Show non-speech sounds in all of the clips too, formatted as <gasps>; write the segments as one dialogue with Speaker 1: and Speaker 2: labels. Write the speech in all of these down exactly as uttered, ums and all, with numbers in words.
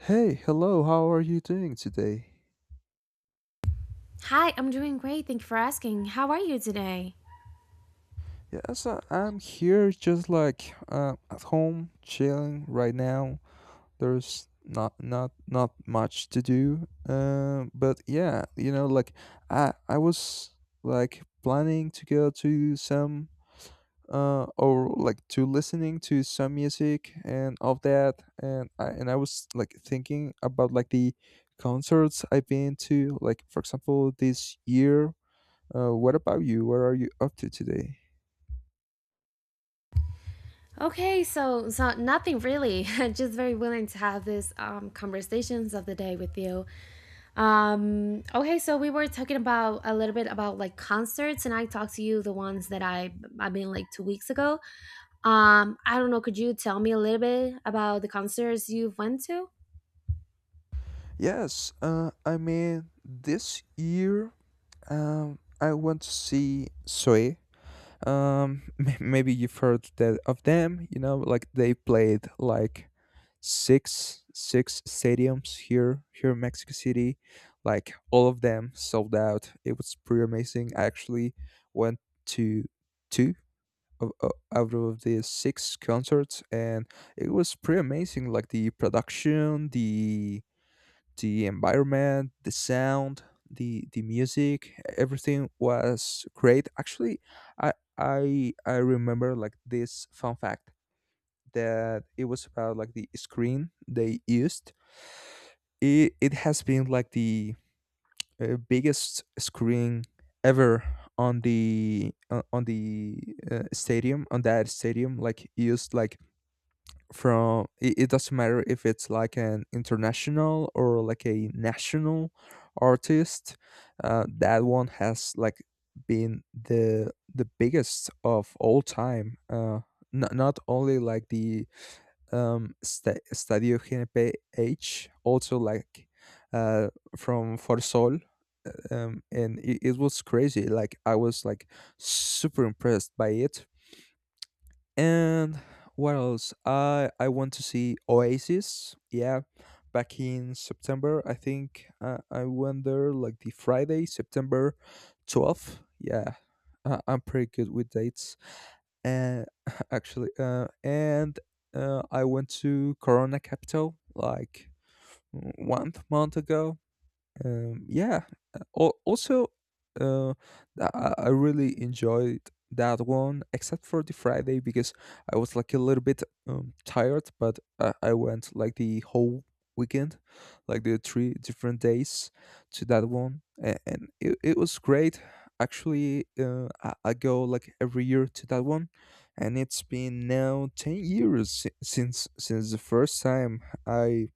Speaker 1: Hey, hello, how are you doing today?
Speaker 2: Hi, I'm doing great. Thank you for asking. How are you today?
Speaker 1: Yes, I- I'm here just like uh, at home, chilling right now. There's not not not much to do. Um, but yeah, you know, like I I was like planning to go to some uh or like to listening to some music and of that and I and I was like thinking about like the concerts I've been to, like for example this year. Uh, what about you? What are you up to today?
Speaker 2: Okay, so so nothing really. <laughs> Just very willing to have this um, conversations of the day with you. Um, okay, so we were talking about a little bit about like concerts, and I talked to you the ones that I I've been like two weeks ago. Um, I don't know. Could you tell me a little bit about the concerts you've went to?
Speaker 1: Yes, uh, I mean, this year um, I want to see Soe. Um <laughs> m- maybe you've heard that of them, you know like they played like six six stadiums here here in Mexico City. Like all of them sold out, it was pretty amazing. I actually went to two of, o- out of the six concerts, and it was pretty amazing, like the production, the the environment, the sound, the the music, everything was great. Actually, I I I remember like this fun fact that it was about like the screen they used. It it has been like the uh, biggest screen ever on the uh, on the uh, stadium, on that stadium, like used, like from it, it doesn't matter if it's like an international or like a national artist. Uh, that one has like been the the biggest of all time. Uh not, not only like the um sta Stadio G N P H, also like uh from Forsol. Um and it, it was crazy, like I was like super impressed by it. And what else? I I want to see Oasis. Yeah, back in September, I think. uh, I went there like the Friday, September twelfth. Yeah, uh, I'm pretty good with dates. And <laughs> actually, uh, and uh, I went to Corona Capital like one month ago. Um, yeah. Uh, al- Also, uh, th- I I really enjoyed that one, except for the Friday because I was like a little bit um, tired. But I, I went like the whole weekend, like the three different days to that one, and, and it, it was great. Actually, uh, I, I go like every year to that one, and it's been now ten years si- since since the first time I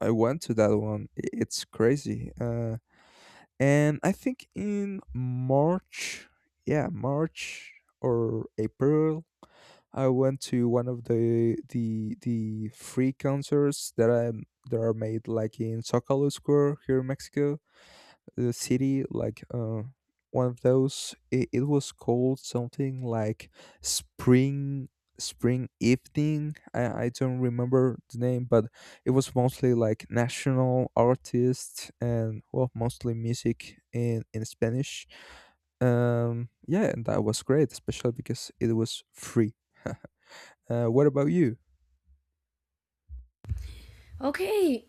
Speaker 1: I went to that one. I- It's crazy. Uh, and I think in March, yeah, March or April, I went to one of the the the free concerts that I that are made like in Zocalo Square, here in Mexico the city, like uh, one of those. It, it was called something like spring spring evening. I, I don't remember the name, but it was mostly like national artists, and well, mostly music in in Spanish. Um yeah, and that was great, especially because it was free. Uh, what about you?
Speaker 2: Okay,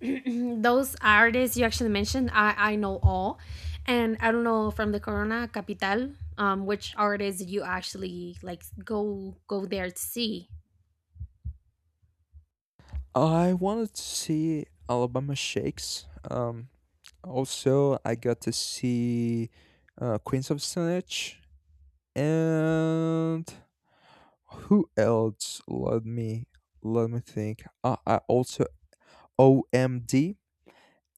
Speaker 2: <clears throat> those artists you actually mentioned, I, I know all. And I don't know from the Corona Capital, um, which artists you actually like go go there to see.
Speaker 1: I wanted to see Alabama Shakes. um Also, I got to see uh, Queens of Stone Age. And who else? Let me let me think. Uh, I also O M D.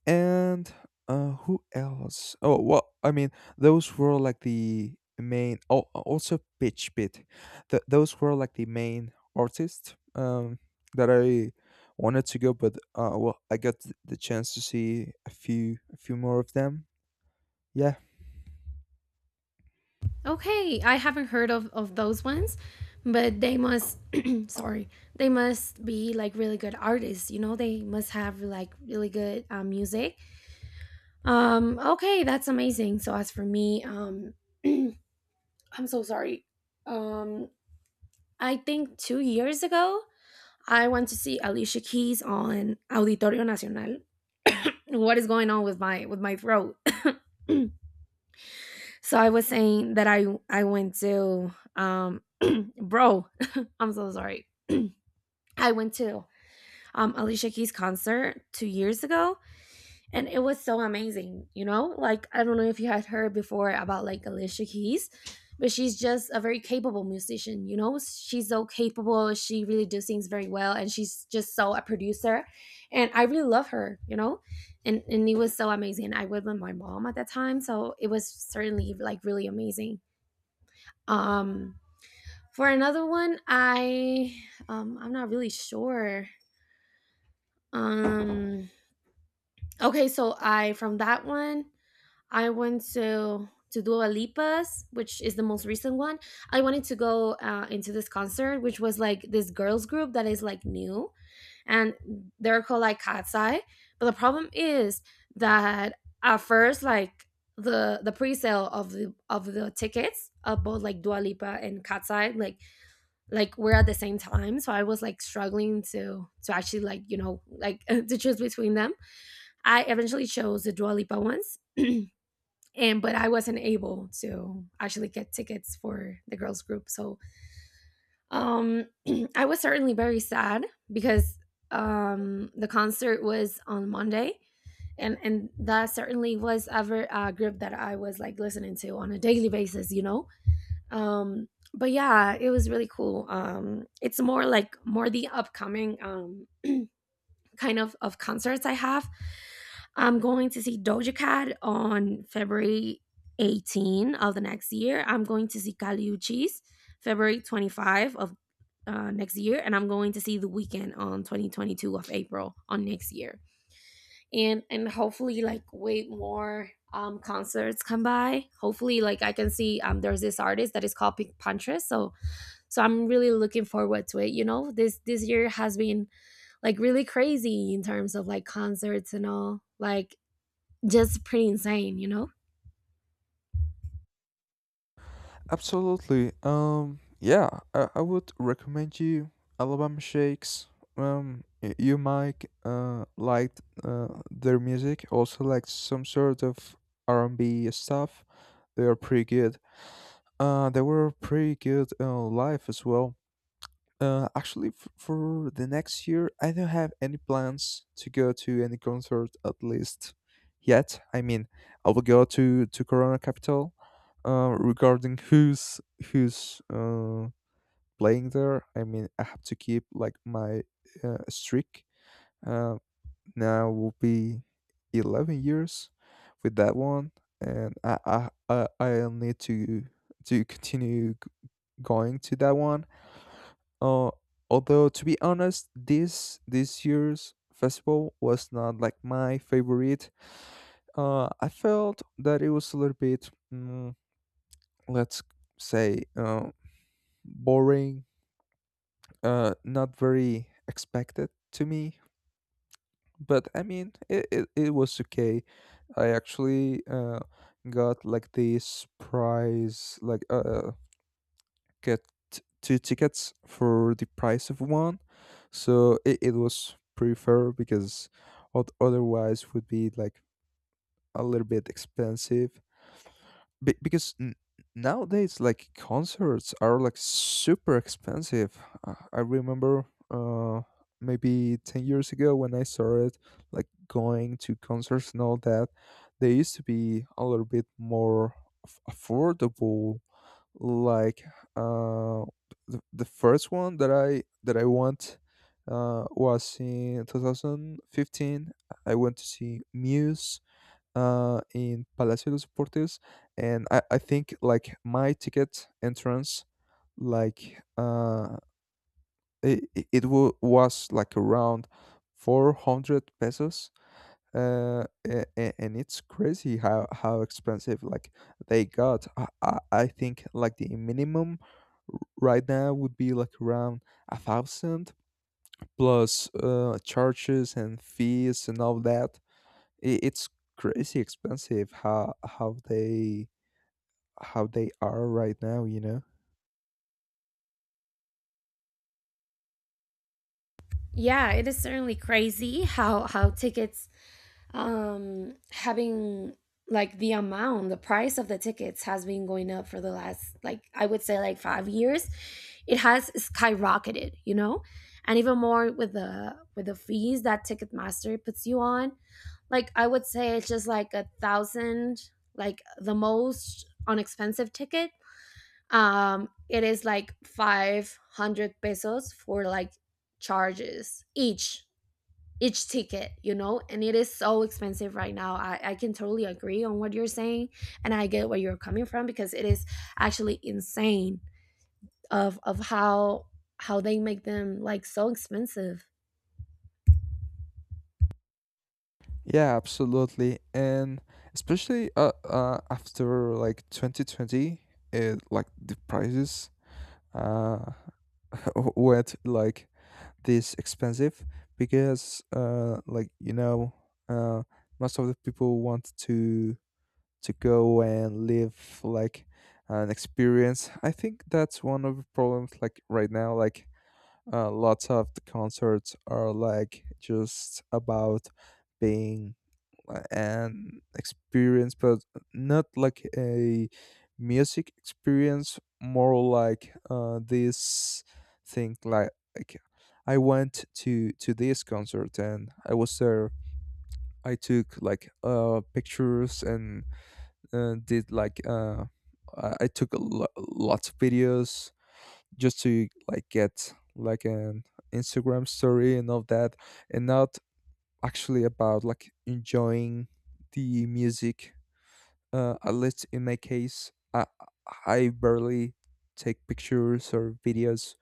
Speaker 1: And uh, who else? Oh well, I mean those were like the main. Oh, also Pitch Pit. Th- those were like the main artists um, that I wanted to go, but uh, well, I got th- the chance to see a few a few more of them. Yeah,
Speaker 2: Okay, I haven't heard of, of those ones, but they must <clears throat> sorry, they must be like really good artists, you know, they must have like really good uh, music. Um, okay, that's amazing. So as for me, um <clears throat> I'm so sorry. Um I think two years ago I went to see Alicia Keys on Auditorio Nacional. What is going on with my with my throat? <laughs> So I was saying that I I went to um bro, <laughs> I'm so sorry. I went to um Alicia Keys concert 2 years ago, and it was so amazing. You know like, I don't know if you had heard before about like Alicia Keys, but she's just a very capable musician. You know she's so capable, she really do things very well, and she's just so a producer, and I really love her you know and and it was so amazing. I was with my mom at that time, so it was certainly like really amazing. um for another one i um i'm not really sure um okay, so I from that one I went to to Dua Lipa's, which is the most recent one. I wanted to go uh, into this concert, which was like this girls group that is like new, and they're called like Cat's Eye. But the problem is that at first, like the the pre-sale of the of the tickets of both like Dua Lipa and Cat's Eye, like, like we're at the same time, so I was like struggling to to actually like you know like <laughs> to choose between them. I eventually chose the Dua Lipa ones, and but I wasn't able to actually get tickets for the girls group. So um, <clears throat> I was certainly very sad because um, the concert was on Monday, and and that certainly was ever a group that I was like listening to on a daily basis, you know. Um, but yeah, it was really cool. Um, it's more like more the upcoming um, kind of of concerts I have. I'm going to see Doja Cat on February eighteenth of the next year. I'm going to see Kali Uchi's February twenty-fifth of uh, next year, and I'm going to see The Weekend on twenty twenty-two of April on next year, and and hopefully like way more um concerts come by. Hopefully, like I can see um there's this artist that is called Pink Puntress, so so I'm really looking forward to it. You know, this this year has been like really crazy in terms of like concerts and all. Like just pretty insane, you know?
Speaker 1: absolutely. Um, yeah, I, I would recommend you Alabama Shakes. Um, y- you might uh like uh, their music, also like some sort of R and B stuff. They are pretty good. Uh, they were pretty good uh, live as well. Uh, actually, f- for the next year, I don't have any plans to go to any concert, at least yet. I mean, I will go to to Corona Capital. Uh, regarding who's who's uh playing there, I mean, I have to keep like my uh, streak. Uh, Now will be eleven years with that one, and I I I I'll need to to continue g- going to that one. uh, Although, to be honest, this this year's festival was not like my favorite. Uh, I felt that it was a little bit, mm, let's say, uh, boring. Uh, not very expected to me. But I mean, it, it, it was okay. I actually uh, got like this prize, like uh, get t- two tickets for the price of one, so it, it was pretty, because ot- otherwise would be like a little bit expensive. Be- because n- nowadays like concerts are like super expensive. uh, I remember uh maybe ten years ago when I started like going to concerts and all that, they used to be a little bit more aff- affordable, like uh, the, the first one that I that I want, uh, was in twenty fifteen. I went to see Muse uh, in Palacio de los Deportes, and I, I think like my ticket entrance, like uh, it, it wa- was like around four hundred pesos. Uh, a- a- and it's crazy how how expensive like they got. I, I I think like the minimum r- right now would be like around a thousand plus uh, charges and fees and all that. I It's crazy expensive how how they how they are right now. You know.
Speaker 2: Yeah, it is certainly crazy how how tickets um having like the amount, the price of the tickets has been going up for the last like I would say like five years. It has skyrocketed, you know? And even more with the with the fees that Ticketmaster puts you on. Like I would say it's just like a thousand, like the most unexpensive ticket um it is like five hundred pesos for like charges each each ticket you know and it is so expensive right now. I, I can totally agree on what you're saying, and I get where you're coming from, because it is actually insane of of how how they make them like so expensive.
Speaker 1: Yeah, absolutely, and especially uh, uh after like twenty twenty, uh, like the prices uh <laughs> wet like this expensive, because uh like you know uh most of the people want to to go and live like an experience. I think that's one of the problems like right now, like uh lots of the concerts are like just about being an experience, but not like a music experience. More like uh, this thing, like, like I went to to this concert and I was there. I took like uh pictures and uh, did like uh I I took a lo- lots of videos, just to like get like an Instagram story and all that, and not actually about like enjoying the music. Uh, at least in my case, I I barely take pictures or videos.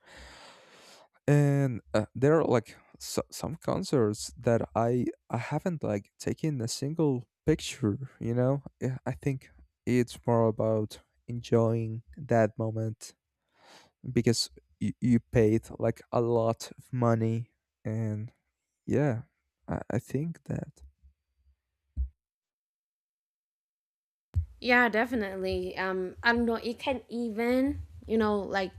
Speaker 1: And uh, there are like so, some concerts that I I haven't like taken a single picture. You know, yeah, I think it's more about enjoying that moment, because you, you paid like a lot of money. And yeah, I, I think that.
Speaker 2: Yeah, definitely. um I don't know, it can even, you know like,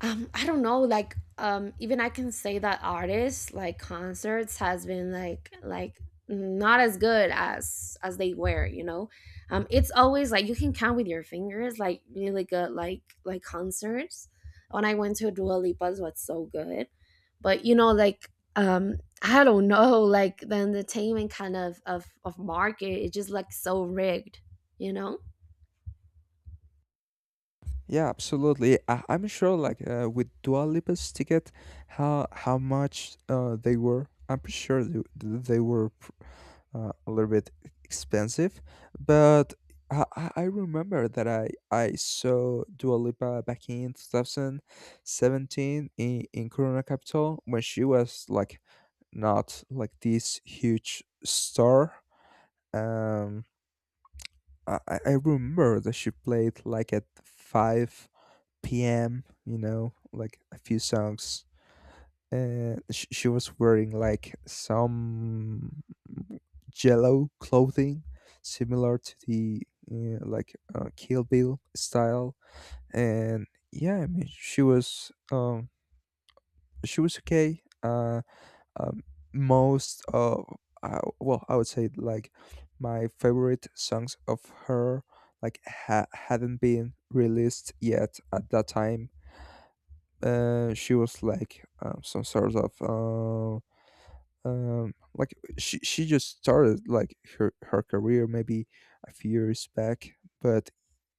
Speaker 2: um I don't know, like, um even I can say that artists, like, concerts has been like like not as good as as they were you know um It's always like you can count with your fingers like really good, like like concerts. When I went to Dua Lipa's, was so good. But you know like, um I don't know, like the entertainment, kind of of of market is just like so rigged you know
Speaker 1: Yeah, absolutely. I, I'm sure, like uh, with Dua Lipa's ticket, how how much uh, they were. I'm pretty sure they, they were pr- uh, a little bit expensive. But I, I I remember that I I saw Dua Lipa back in twenty seventeen in in Corona Capital when she was like not like this huge star. Um, I I I remember that she played like at five p m, you know, like a few songs. And sh- she was wearing like some jello clothing, similar to the uh, like uh, Kill Bill style. And yeah, I mean, she was um she was okay. Uh, um, Most of uh, well, I would say like my favorite songs of her like ha- hadn't been released yet at that time. Uh, she was like um, some sort of uh, um, like she she just started like her her career maybe a few years back. But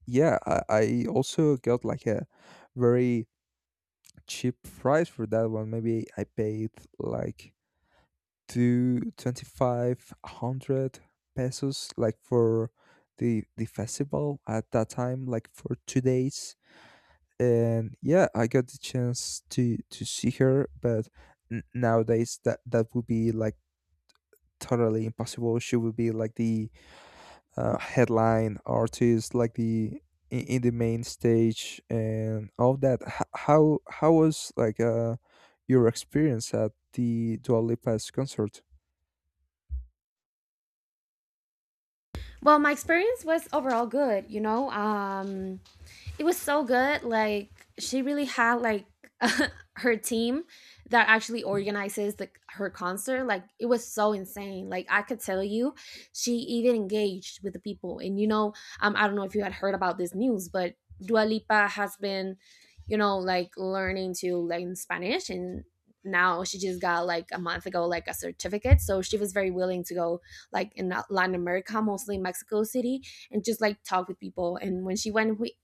Speaker 1: yeah, I, I also got like a very cheap price for that one. Maybe I paid like two twenty five hundred pesos, like for the the festival at that time, like for two days. And yeah, I got the chance to to see her. But n- nowadays that that would be like totally impossible. She would be like the uh, headline artist, like the in, in the main stage and all that. H- how how was like uh your experience at the Dua Lipa's concert?
Speaker 2: well, my experience was overall good you know um It was so good. Like she really had like <laughs> her team that actually organizes the her concert. Like it was so insane. Like I could tell you, she even engaged with the people. And you know, um, I don't know if you had heard about this news, but Dua Lipa has been, you know, like, learning to learn Spanish, and now she just got like a month ago like a certificate, so she was very willing to go like in Latin America, mostly Mexico City, and just like talk with people. And when she went wi-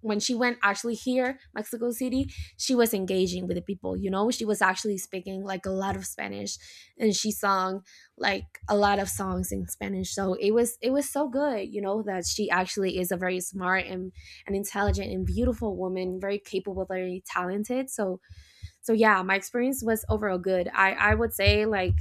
Speaker 2: when she went actually here Mexico City, she was engaging with the people. You know she was actually speaking like a lot of Spanish, and she sung like a lot of songs in Spanish, so it was it was so good, you know that she actually is a very smart and, and intelligent and beautiful woman, very capable, very talented. So so yeah, my experience was overall good. I i would say like,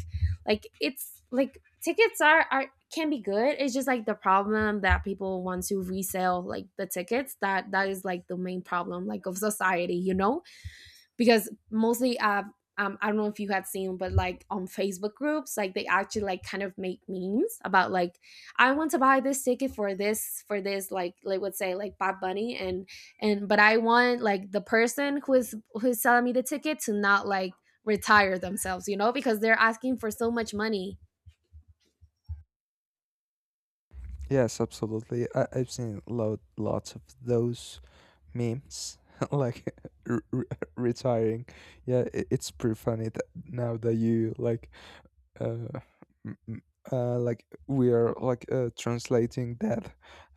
Speaker 2: like it's like tickets are are can be good. It's just like the problem that people want to resell like the tickets, that that is like the main problem like of society you know Because mostly uh um, I don't know if you had seen, but like on Facebook groups, like they actually like kind of make memes about like I want to buy this ticket for this for this like, like let's say like Bob Bunny, and and but I want like the person who is who is selling me the ticket to not like retire themselves, you know, because they're asking for so much money.
Speaker 1: Yes, absolutely. I, I've seen lot lots of those memes <laughs> like r- r- retiring. Yeah, it, it's pretty funny that now that you like uh, m- m- uh like we are like uh, translating that.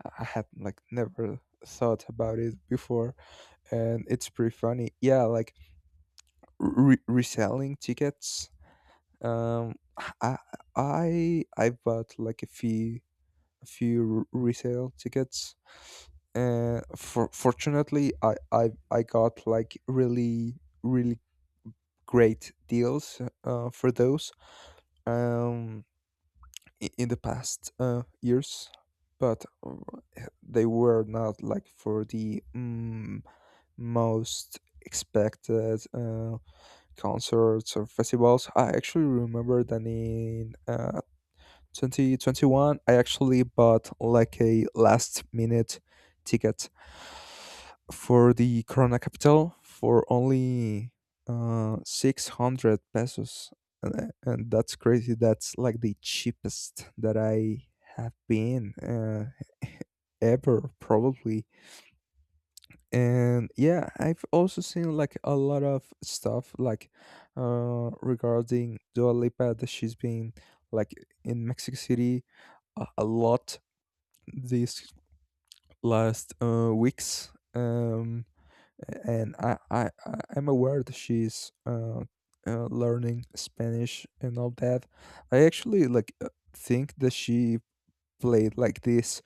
Speaker 1: i I had like never thought about it before, and it's pretty funny. Yeah, like re- reselling tickets. um i i i bought like a few a few r- resale tickets. Uh, for fortunately, I, I I got like really really great deals uh, for those. um, i- in the past uh, years, but uh, they were not like for the mm, most expected uh, concerts or festivals. I actually remember that in Uh, twenty twenty-one, I actually bought like a last minute ticket for the Corona Capital for only uh six hundred pesos. And, and that's crazy. That's like the cheapest that I have been, uh, ever probably. And yeah, I've also seen like a lot of stuff like uh regarding Dua Lipa, that she's been like in Mexico City a, a lot these last uh, weeks. Um, and I, I I- I'm aware that she's uh, uh, learning Spanish and all that. I actually like uh, think that she played like this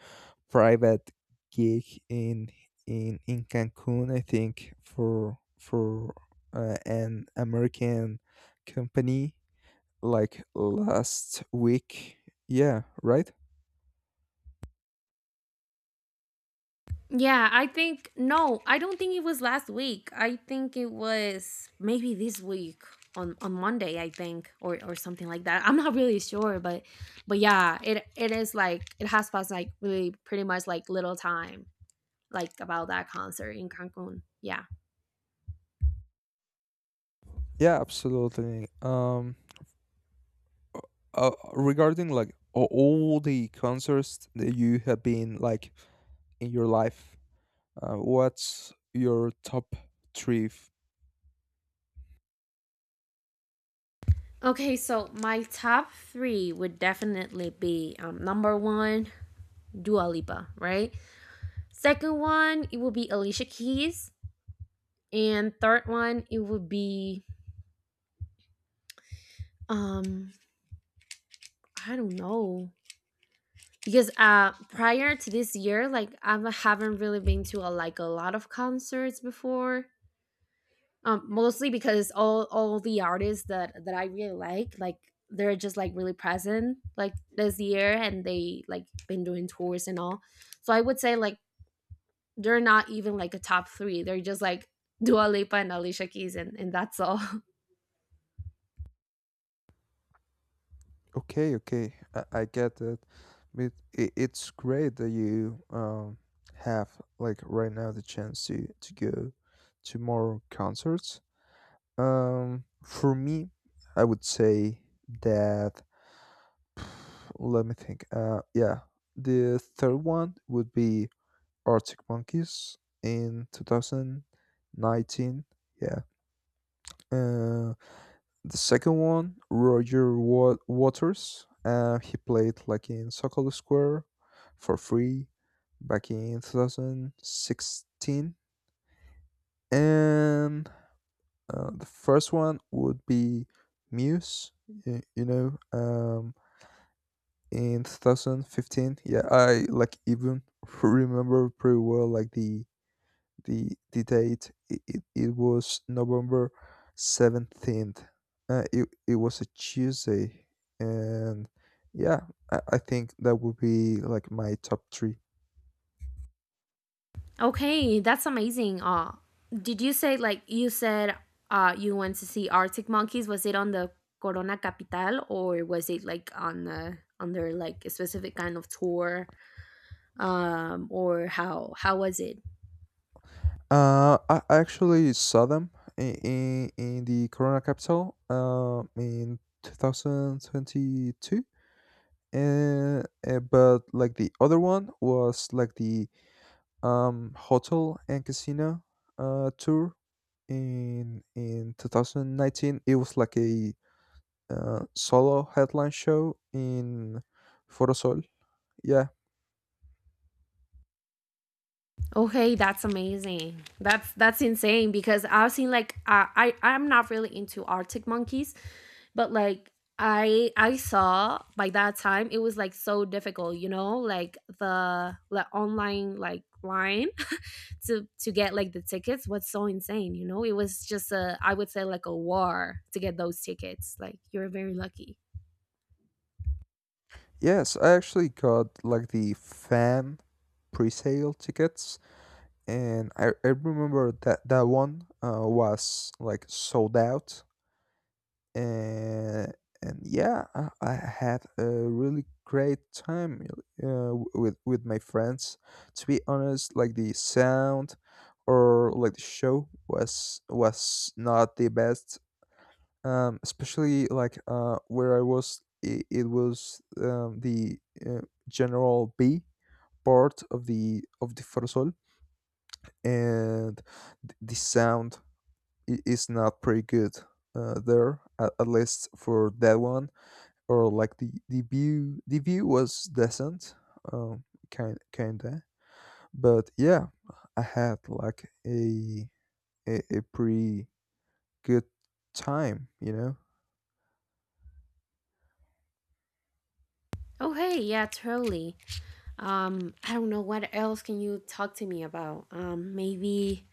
Speaker 1: private gig in in in Cancun. I think for for uh, an American company like last week. Yeah, right.
Speaker 2: Yeah, I think no, I don't think it was last week. I think it was maybe this week on on Monday, I think, or or something like that. I'm not really sure, but but yeah, it it is like it has passed like really pretty much like little time like about that concert in Cancun. Yeah.
Speaker 1: Yeah, absolutely. Um, uh, regarding like a- all the concerts that you have been like in your life, uh, what's your top three? f-
Speaker 2: Okay, so my top three would definitely be um number one Dua Lipa, right? Second one, it would be Alicia Keys, and third one it would be um I don't know, because uh prior to this year, like I haven't really been to a, like, a lot of concerts before. Um, mostly because all all the artists that that I really like, like they're just like really present like this year, and they like been doing tours and all. So I would say like they're not even like a top three. They're just like Dua Lipa and Alicia Keys, and and that's all. <laughs>
Speaker 1: Okay, okay, I, I get that, but it, it's great that you um have like right now the chance to to go to more concerts. Um, for me, I would say that let me think. Uh, yeah, the third one would be Arctic Monkeys in two thousand nineteen. Yeah. Uh, the second one, Roger Wa- Waters. Uh, he played like in Sokol Square for free back in twenty sixteen. And uh, the first one would be Muse. y- You know, um, in twenty fifteen. Yeah, I like even <laughs> remember pretty well like the the the date it, it, it was November seventeenth, uh, it, it was a Tuesday and yeah, I, I think that would be like my top three.
Speaker 2: Okay, that's amazing. Uh, did you say, like, you said uh you went to see Arctic Monkeys? Was it on the Corona Capital, or was it like on uh, on their like a specific kind of tour? Um, or how how was it?
Speaker 1: uh I, I actually saw them in, in in the Corona capital um in two thousand twenty-two, and uh, uh, but like the other one was like the um hotel and casino uh tour in in twenty nineteen. It was like a uh, solo headline show in Forosol. Yeah.
Speaker 2: Okay, that's amazing. That's that's insane because I've seen like I I I'm not really into Arctic Monkeys, but like I I saw by that time it was like so difficult, you know, like the the online like line to to get like the tickets was so insane. You know it was just, a I would say, like, a war to get those tickets, like, you're very lucky.
Speaker 1: Yes, I actually got like the fan pre-sale tickets, and I, I remember that that one uh, was like sold out, and and yeah, I, I had a really great time, uh, w- with with my friends. To be honest, like the sound or like the show was was not the best. Um, especially like uh, where I was, it, it was um, the uh, general B part of the of the Forosol, and th- the sound i- is not pretty good uh, there, at, at least for that one. Or like the the view, the view was decent, um kind kinda, but yeah, I had like a a, a pretty good time, you know.
Speaker 2: Oh, hey, yeah, totally. Um, I don't know what else can you talk to me about. Um, maybe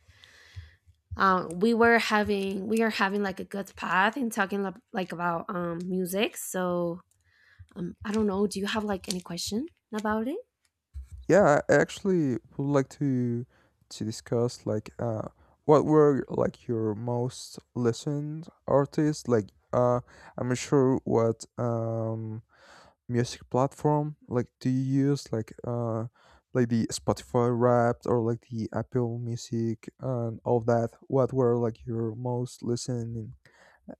Speaker 2: um, we were having we are having like a good path in talking lo- like about um music. So um, I don't know. Do you have like any question about it?
Speaker 1: Yeah, I actually would like to to discuss like uh what were like your most listened artists, like uh I'm not sure what um music platform like do you use, like uh like the spotify wrapped or like the apple music and all that, what were like your most listening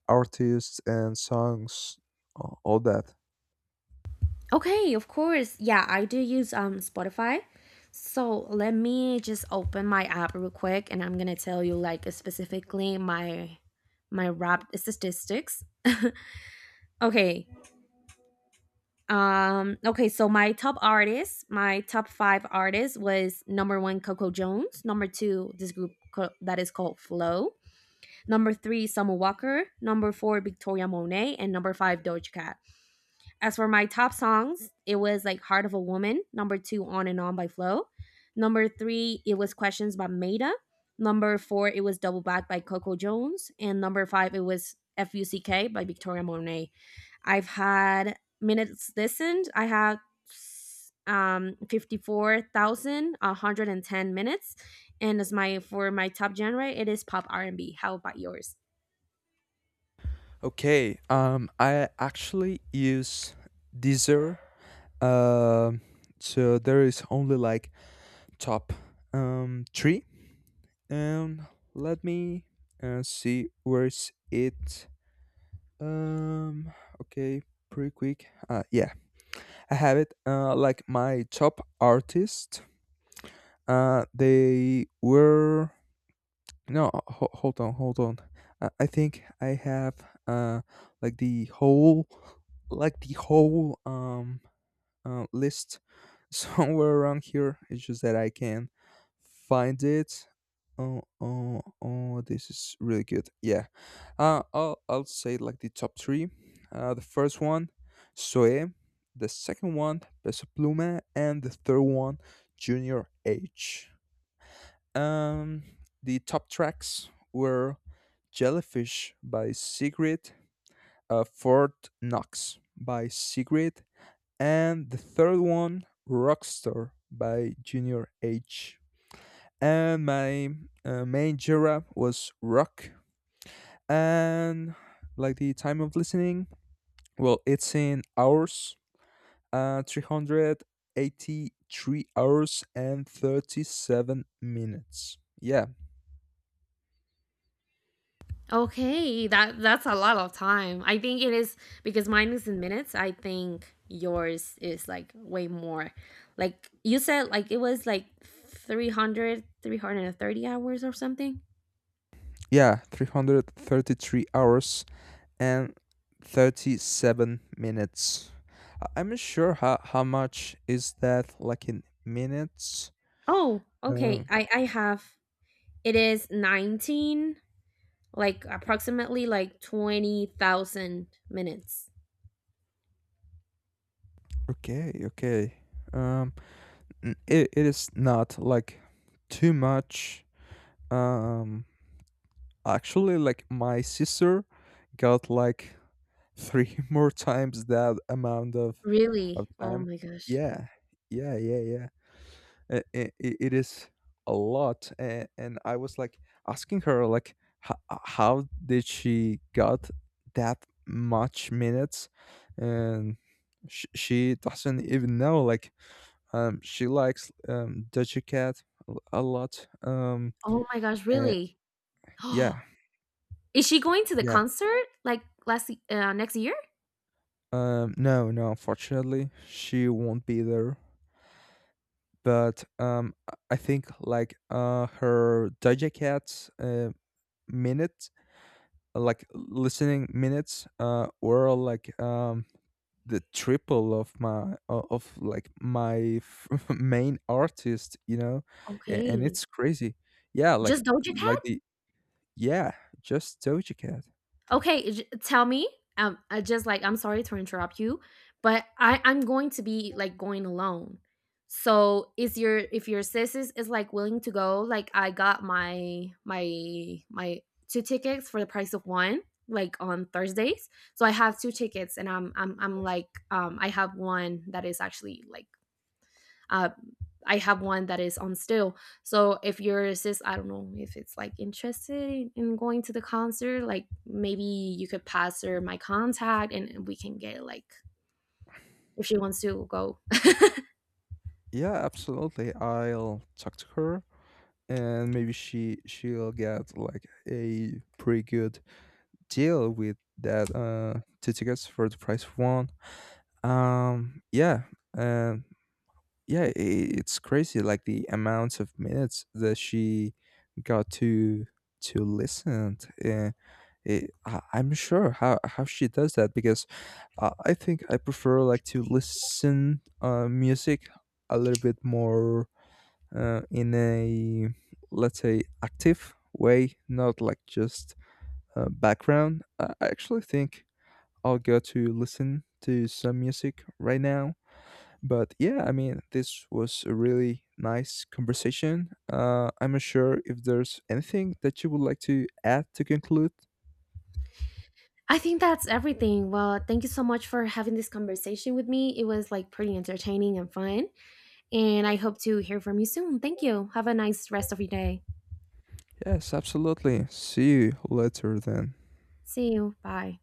Speaker 1: artists and songs, a- all that.
Speaker 2: Okay, of course. Yeah, I do use um Spotify. So let me just open my app real quick, and I'm gonna tell you like specifically my my rap statistics. <laughs> Okay. Um okay, so my top artist, my top five artists was number one Coco Jones, number two this group co- that is called Flow, number three Summer Walker, number four Victoria Monet, and number five Doja Cat. As for my top songs, it was like Heart of a Woman, number two, On and On by Flo. Number three, it was Questions by Maida. Number four, it was Double Back by Coco Jones. And number five, it was FUCK by Victoria Monet. I've had minutes listened. I had um fifty-four thousand one hundred and ten minutes. And as my for my top genre, it is pop R and B. How about yours?
Speaker 1: Okay, um, I actually use Deezer. Um, so there is only like top um three. Um, Let me uh, see where's it. Um. Okay. Pretty quick. Uh. Yeah. I have it. Uh. Like my top artist. Uh. They were. No. Ho- hold on. Hold on. Uh, I think I have. Uh. Like the whole. Like the whole. Um uh, list <laughs> somewhere around here. It's just that I can find it. Oh, oh, oh, this is really good. Yeah. Uh, I'll, I'll say like the top three. Uh, the first one, Soe. The second one, Peso Pluma. And the third one, Junior H. Um, the top tracks were Jellyfish by Sigrid, uh, Fort Knox by Sigrid, and the third one, rockstar by Junior H. And my uh, main genre was rock. And like the time of listening, well, it's in hours, uh three hundred eighty-three hours and thirty-seven minutes. Yeah.
Speaker 2: Okay, that that's a lot of time. I think it is because mine is in minutes. I think yours is like way more. Like you said like it was like three hundred, three hundred and thirty hours or something.
Speaker 1: Yeah, three hundred thirty-three hours and thirty-seven minutes. I- I'm not sure how, how much is that like in minutes.
Speaker 2: Oh, okay.
Speaker 1: Um,
Speaker 2: I I have, it is nineteen, like approximately, like twenty thousand minutes.
Speaker 1: okay, okay. Um, n- it, it is not like too much. Um, actually, like my sister got like three <laughs> more times that amount of of
Speaker 2: Really? Oh
Speaker 1: time.
Speaker 2: my gosh.
Speaker 1: Yeah, yeah, yeah, yeah. It, it, it is a lot, and, and I was like asking her like how, how did she got that much minutes, and she, she doesn't even know like um, she likes um, Doja Cat a a lot. Um,
Speaker 2: Oh my gosh,
Speaker 1: eh,
Speaker 2: really? <gasps>
Speaker 1: yeah,
Speaker 2: Is she going to the
Speaker 1: yeah.
Speaker 2: concert like last y- uh, next year?
Speaker 1: Um, no, no. Unfortunately, she won't be there. But um, I I think like uh, her Doja Cat's uh, minutes, like listening minutes, uh, were like um the triple of my o- of like my f- <laughs> main artist, you know. A- and
Speaker 2: Okay.
Speaker 1: it's crazy, yeah, like
Speaker 2: Just Doja
Speaker 1: like
Speaker 2: Cat?
Speaker 1: the Yeah, just Doja Cat.
Speaker 2: Okay, j- tell me. Um, I just like I'm sorry to interrupt you, but I I'm going to be like going alone. So is your if your sis is, is like willing to go, like I got my my my two tickets for the price of one, like on Thursdays. So I have two tickets, and I'm I'm I'm like um I have one that is actually like uh, I have one that is on still. So if you're just, I don't know, if it's like interested in going to the concert, like maybe you could pass her my contact, and we can get like if she wants to go.
Speaker 1: Yeah, absolutely. I'll talk to her and maybe she she'll get like a pretty good deal with that, uh two tickets for the price of one. Um yeah, and yeah, I it's crazy like the amount of minutes that she got to to listen. To, uh, it, I, I'm sure how how she does that because Uh, I think I prefer like to listen uh, music a little bit more uh, in a let's say active way, not like just uh, background. I I actually think I'll go to listen to some music right now. But yeah, I mean, this was a really nice conversation. Uh, I'm not sure if there's anything that you would like to add to conclude.
Speaker 2: I think that's everything. Well, thank you so much for having this conversation with me. It was like pretty entertaining and fun. And I hope to hear from you soon. Thank you. Have a nice rest of your day.
Speaker 1: Yes, absolutely. See you later then.
Speaker 2: See you. Bye.